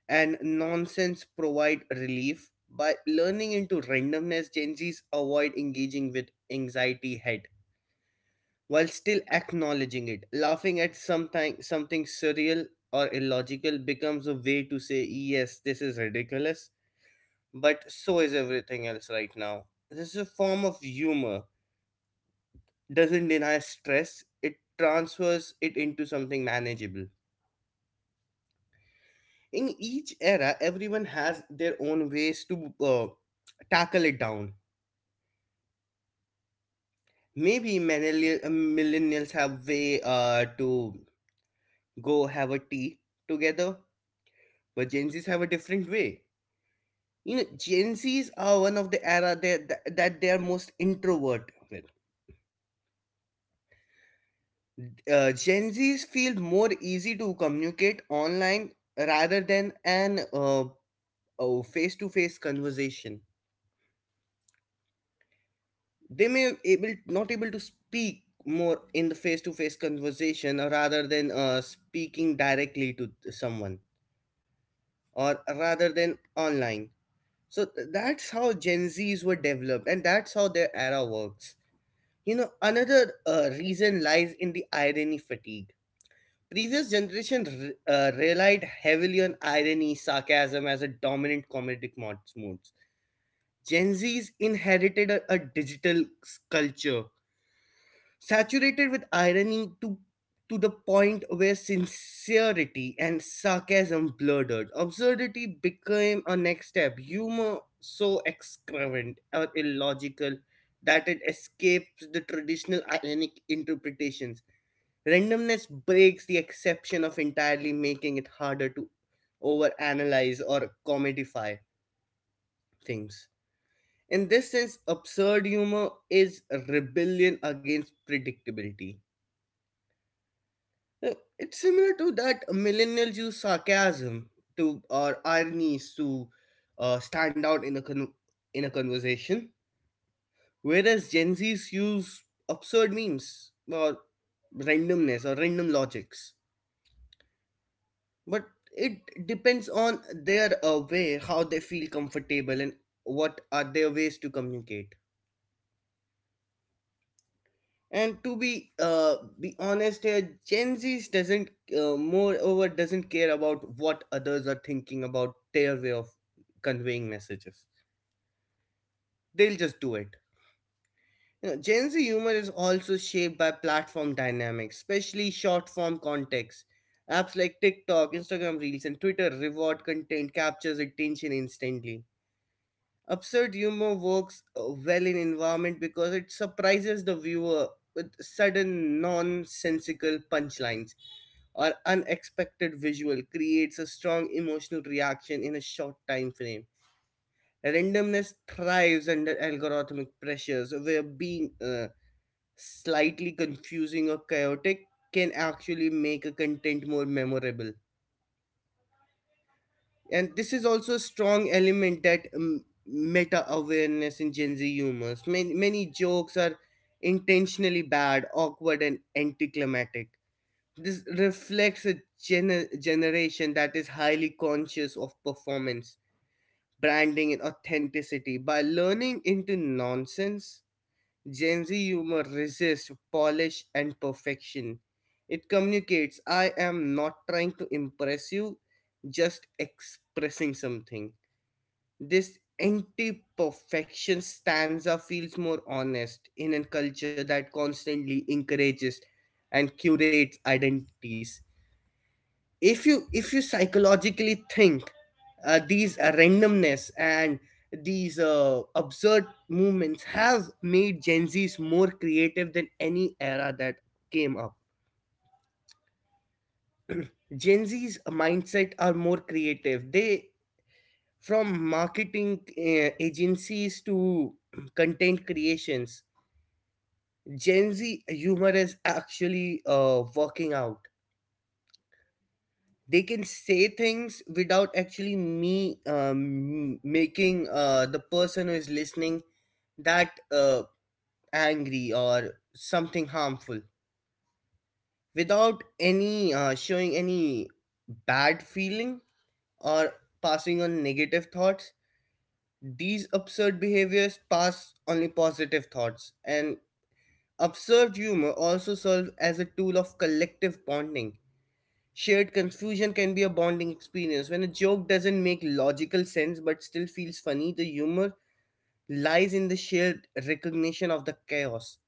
Speaker 3: and nonsense provide relief. By learning into randomness, Gen Zs avoid engaging with anxiety head while still acknowledging it. Laughing at something surreal or illogical becomes a way to say, yes, this is ridiculous, but so is everything else right now. This is a form of humor, doesn't deny stress, it transfers it into something manageable. In each era, everyone has their own ways to tackle it down. Maybe millennials have way to go have a tea together, but Gen Zs have a different way. You know, Gen Zs are one of the era that they are most introvert with. Gen Zs feel more easy to communicate online rather than an face-to-face conversation. They may able not able to speak more in the face-to-face conversation rather than speaking directly to someone or rather than online. So that's how Gen Zs were developed, and that's how their era works. You know, another reason lies in the irony fatigue. Previous relied heavily on irony, sarcasm as a dominant modes. Gen Zs inherited a digital culture saturated with irony to the point where sincerity and sarcasm blurred. Absurdity became a next step. Humor so excrement or illogical that it escapes the traditional ironic interpretations. Randomness breaks the exception of entirely making it harder to overanalyze or comedify things. In this sense, absurd humor is rebellion against predictability. It's similar to that millennials use sarcasm to or ironies to stand out in in a conversation, whereas Gen Zs use absurd memes or randomness or random logics. But it depends on their way, how they feel comfortable, and what are their ways to communicate. And to be honest here, gen Z doesn't moreover doesn't care about what others are thinking about their way of conveying messages, they'll just do it. You know, gen z humor is also shaped by platform dynamics, especially short form context apps like tiktok, instagram reels and twitter reward content captures attention instantly. Absurd humor works well in environment because it surprises the viewer with sudden nonsensical punchlines or unexpected visual creates a strong emotional reaction in a short time frame. Randomness thrives under algorithmic pressures, where being slightly confusing or chaotic can actually make a content more memorable. And this is also a strong element that meta awareness in Gen Z humors. Many jokes are intentionally bad, awkward, and anticlimactic. This reflects a generation that is highly conscious of performance, branding, and authenticity. By learning into nonsense, Gen Z humor resists polish and perfection. It communicates, I am not trying to impress you, just expressing something. This anti perfection stanza feels more honest in a culture that constantly encourages and curates identities. If you if you psychologically think these randomness and these absurd movements have made gen z's more creative than any era that came up. Gen z's mindset are more creative, they from marketing agencies to content creations, gen z humor is actually working out. They can say things without actually me making the person who is listening that angry or something harmful without any showing any bad feeling or passing on negative thoughts. These absurd behaviors pass only positive thoughts. And absurd humor also serves as a tool of collective bonding. Shared confusion can be a bonding experience. When a joke doesn't make logical sense but still feels funny, the humor lies in the shared recognition of the chaos.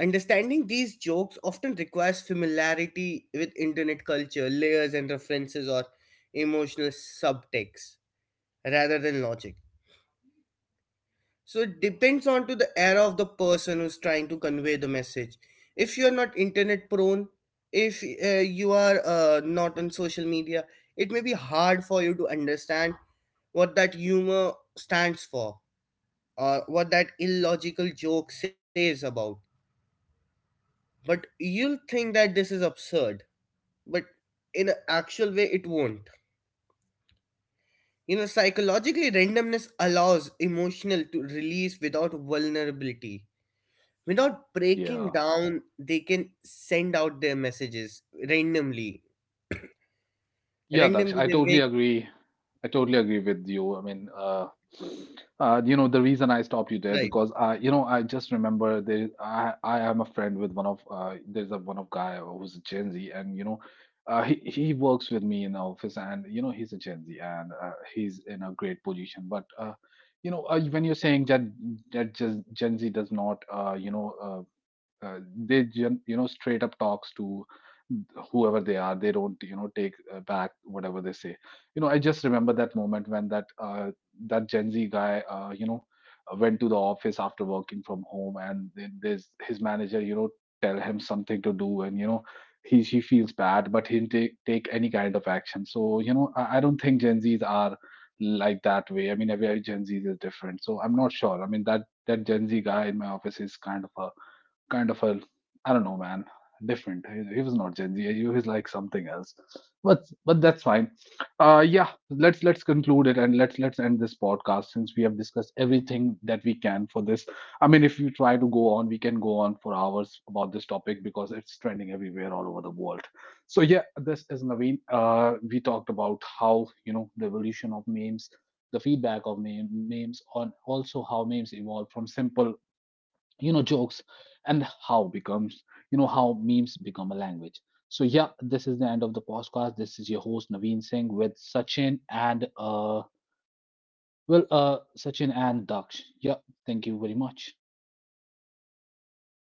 Speaker 3: Understanding these jokes often requires familiarity with internet culture, layers and references, or emotional subtext rather than logic. So it depends on to the era of the person who's trying to convey the message. If you are not internet prone, if you are not on social media, it may be hard for you to understand what that humor stands for or what that illogical joke says about. But you'll think that this is absurd, but in an actual way, it won't. You know, psychologically, randomness allows emotional to release without vulnerability, without breaking
Speaker 1: Yeah.
Speaker 3: down they can send out their messages randomly
Speaker 1: Yeah, Daksh,
Speaker 3: randomly
Speaker 1: I
Speaker 3: they
Speaker 1: totally
Speaker 3: wake
Speaker 1: agree. I totally agree with you. I mean, you know, the reason I stopped you there
Speaker 3: right
Speaker 1: because I, you know, I just remember there. I am a friend with one of there's a one of guy who's a Gen Z, and you know, he works with me in office, and you know, he's a Gen Z, and he's in a great position. But you know, when you're saying that just Gen Z does not, you know, you know straight up talks to whoever they are. They don't you know take back whatever they say. You know, I just remember that moment when that that Gen Z guy you know went to the office after working from home, and then there's his manager, you know, tell him something to do, and you know he she feels bad, but he didn't take any kind of action. So you know, I don't think Gen Z's are like that way. I mean every Gen Z is different, so I'm not sure. I mean that that Gen Z guy in my office is kind of a I don't know, man, different. He was not Gen Z. He was like something else. But that's fine. Yeah, let's conclude it and let's end this podcast since we have discussed everything that we can for this. I mean, if we try to go on, we can go on for hours about this topic because it's trending everywhere all over the world. So yeah, this is Naveen. We talked about how you know the evolution of memes. The feedback of memes on also how memes evolve from simple you know jokes and how becomes you know how memes become a language. So yeah, this is the end of the podcast. This is your host Naveen Singh with Sachin and Sachin and Daksh. Yeah, thank you very much.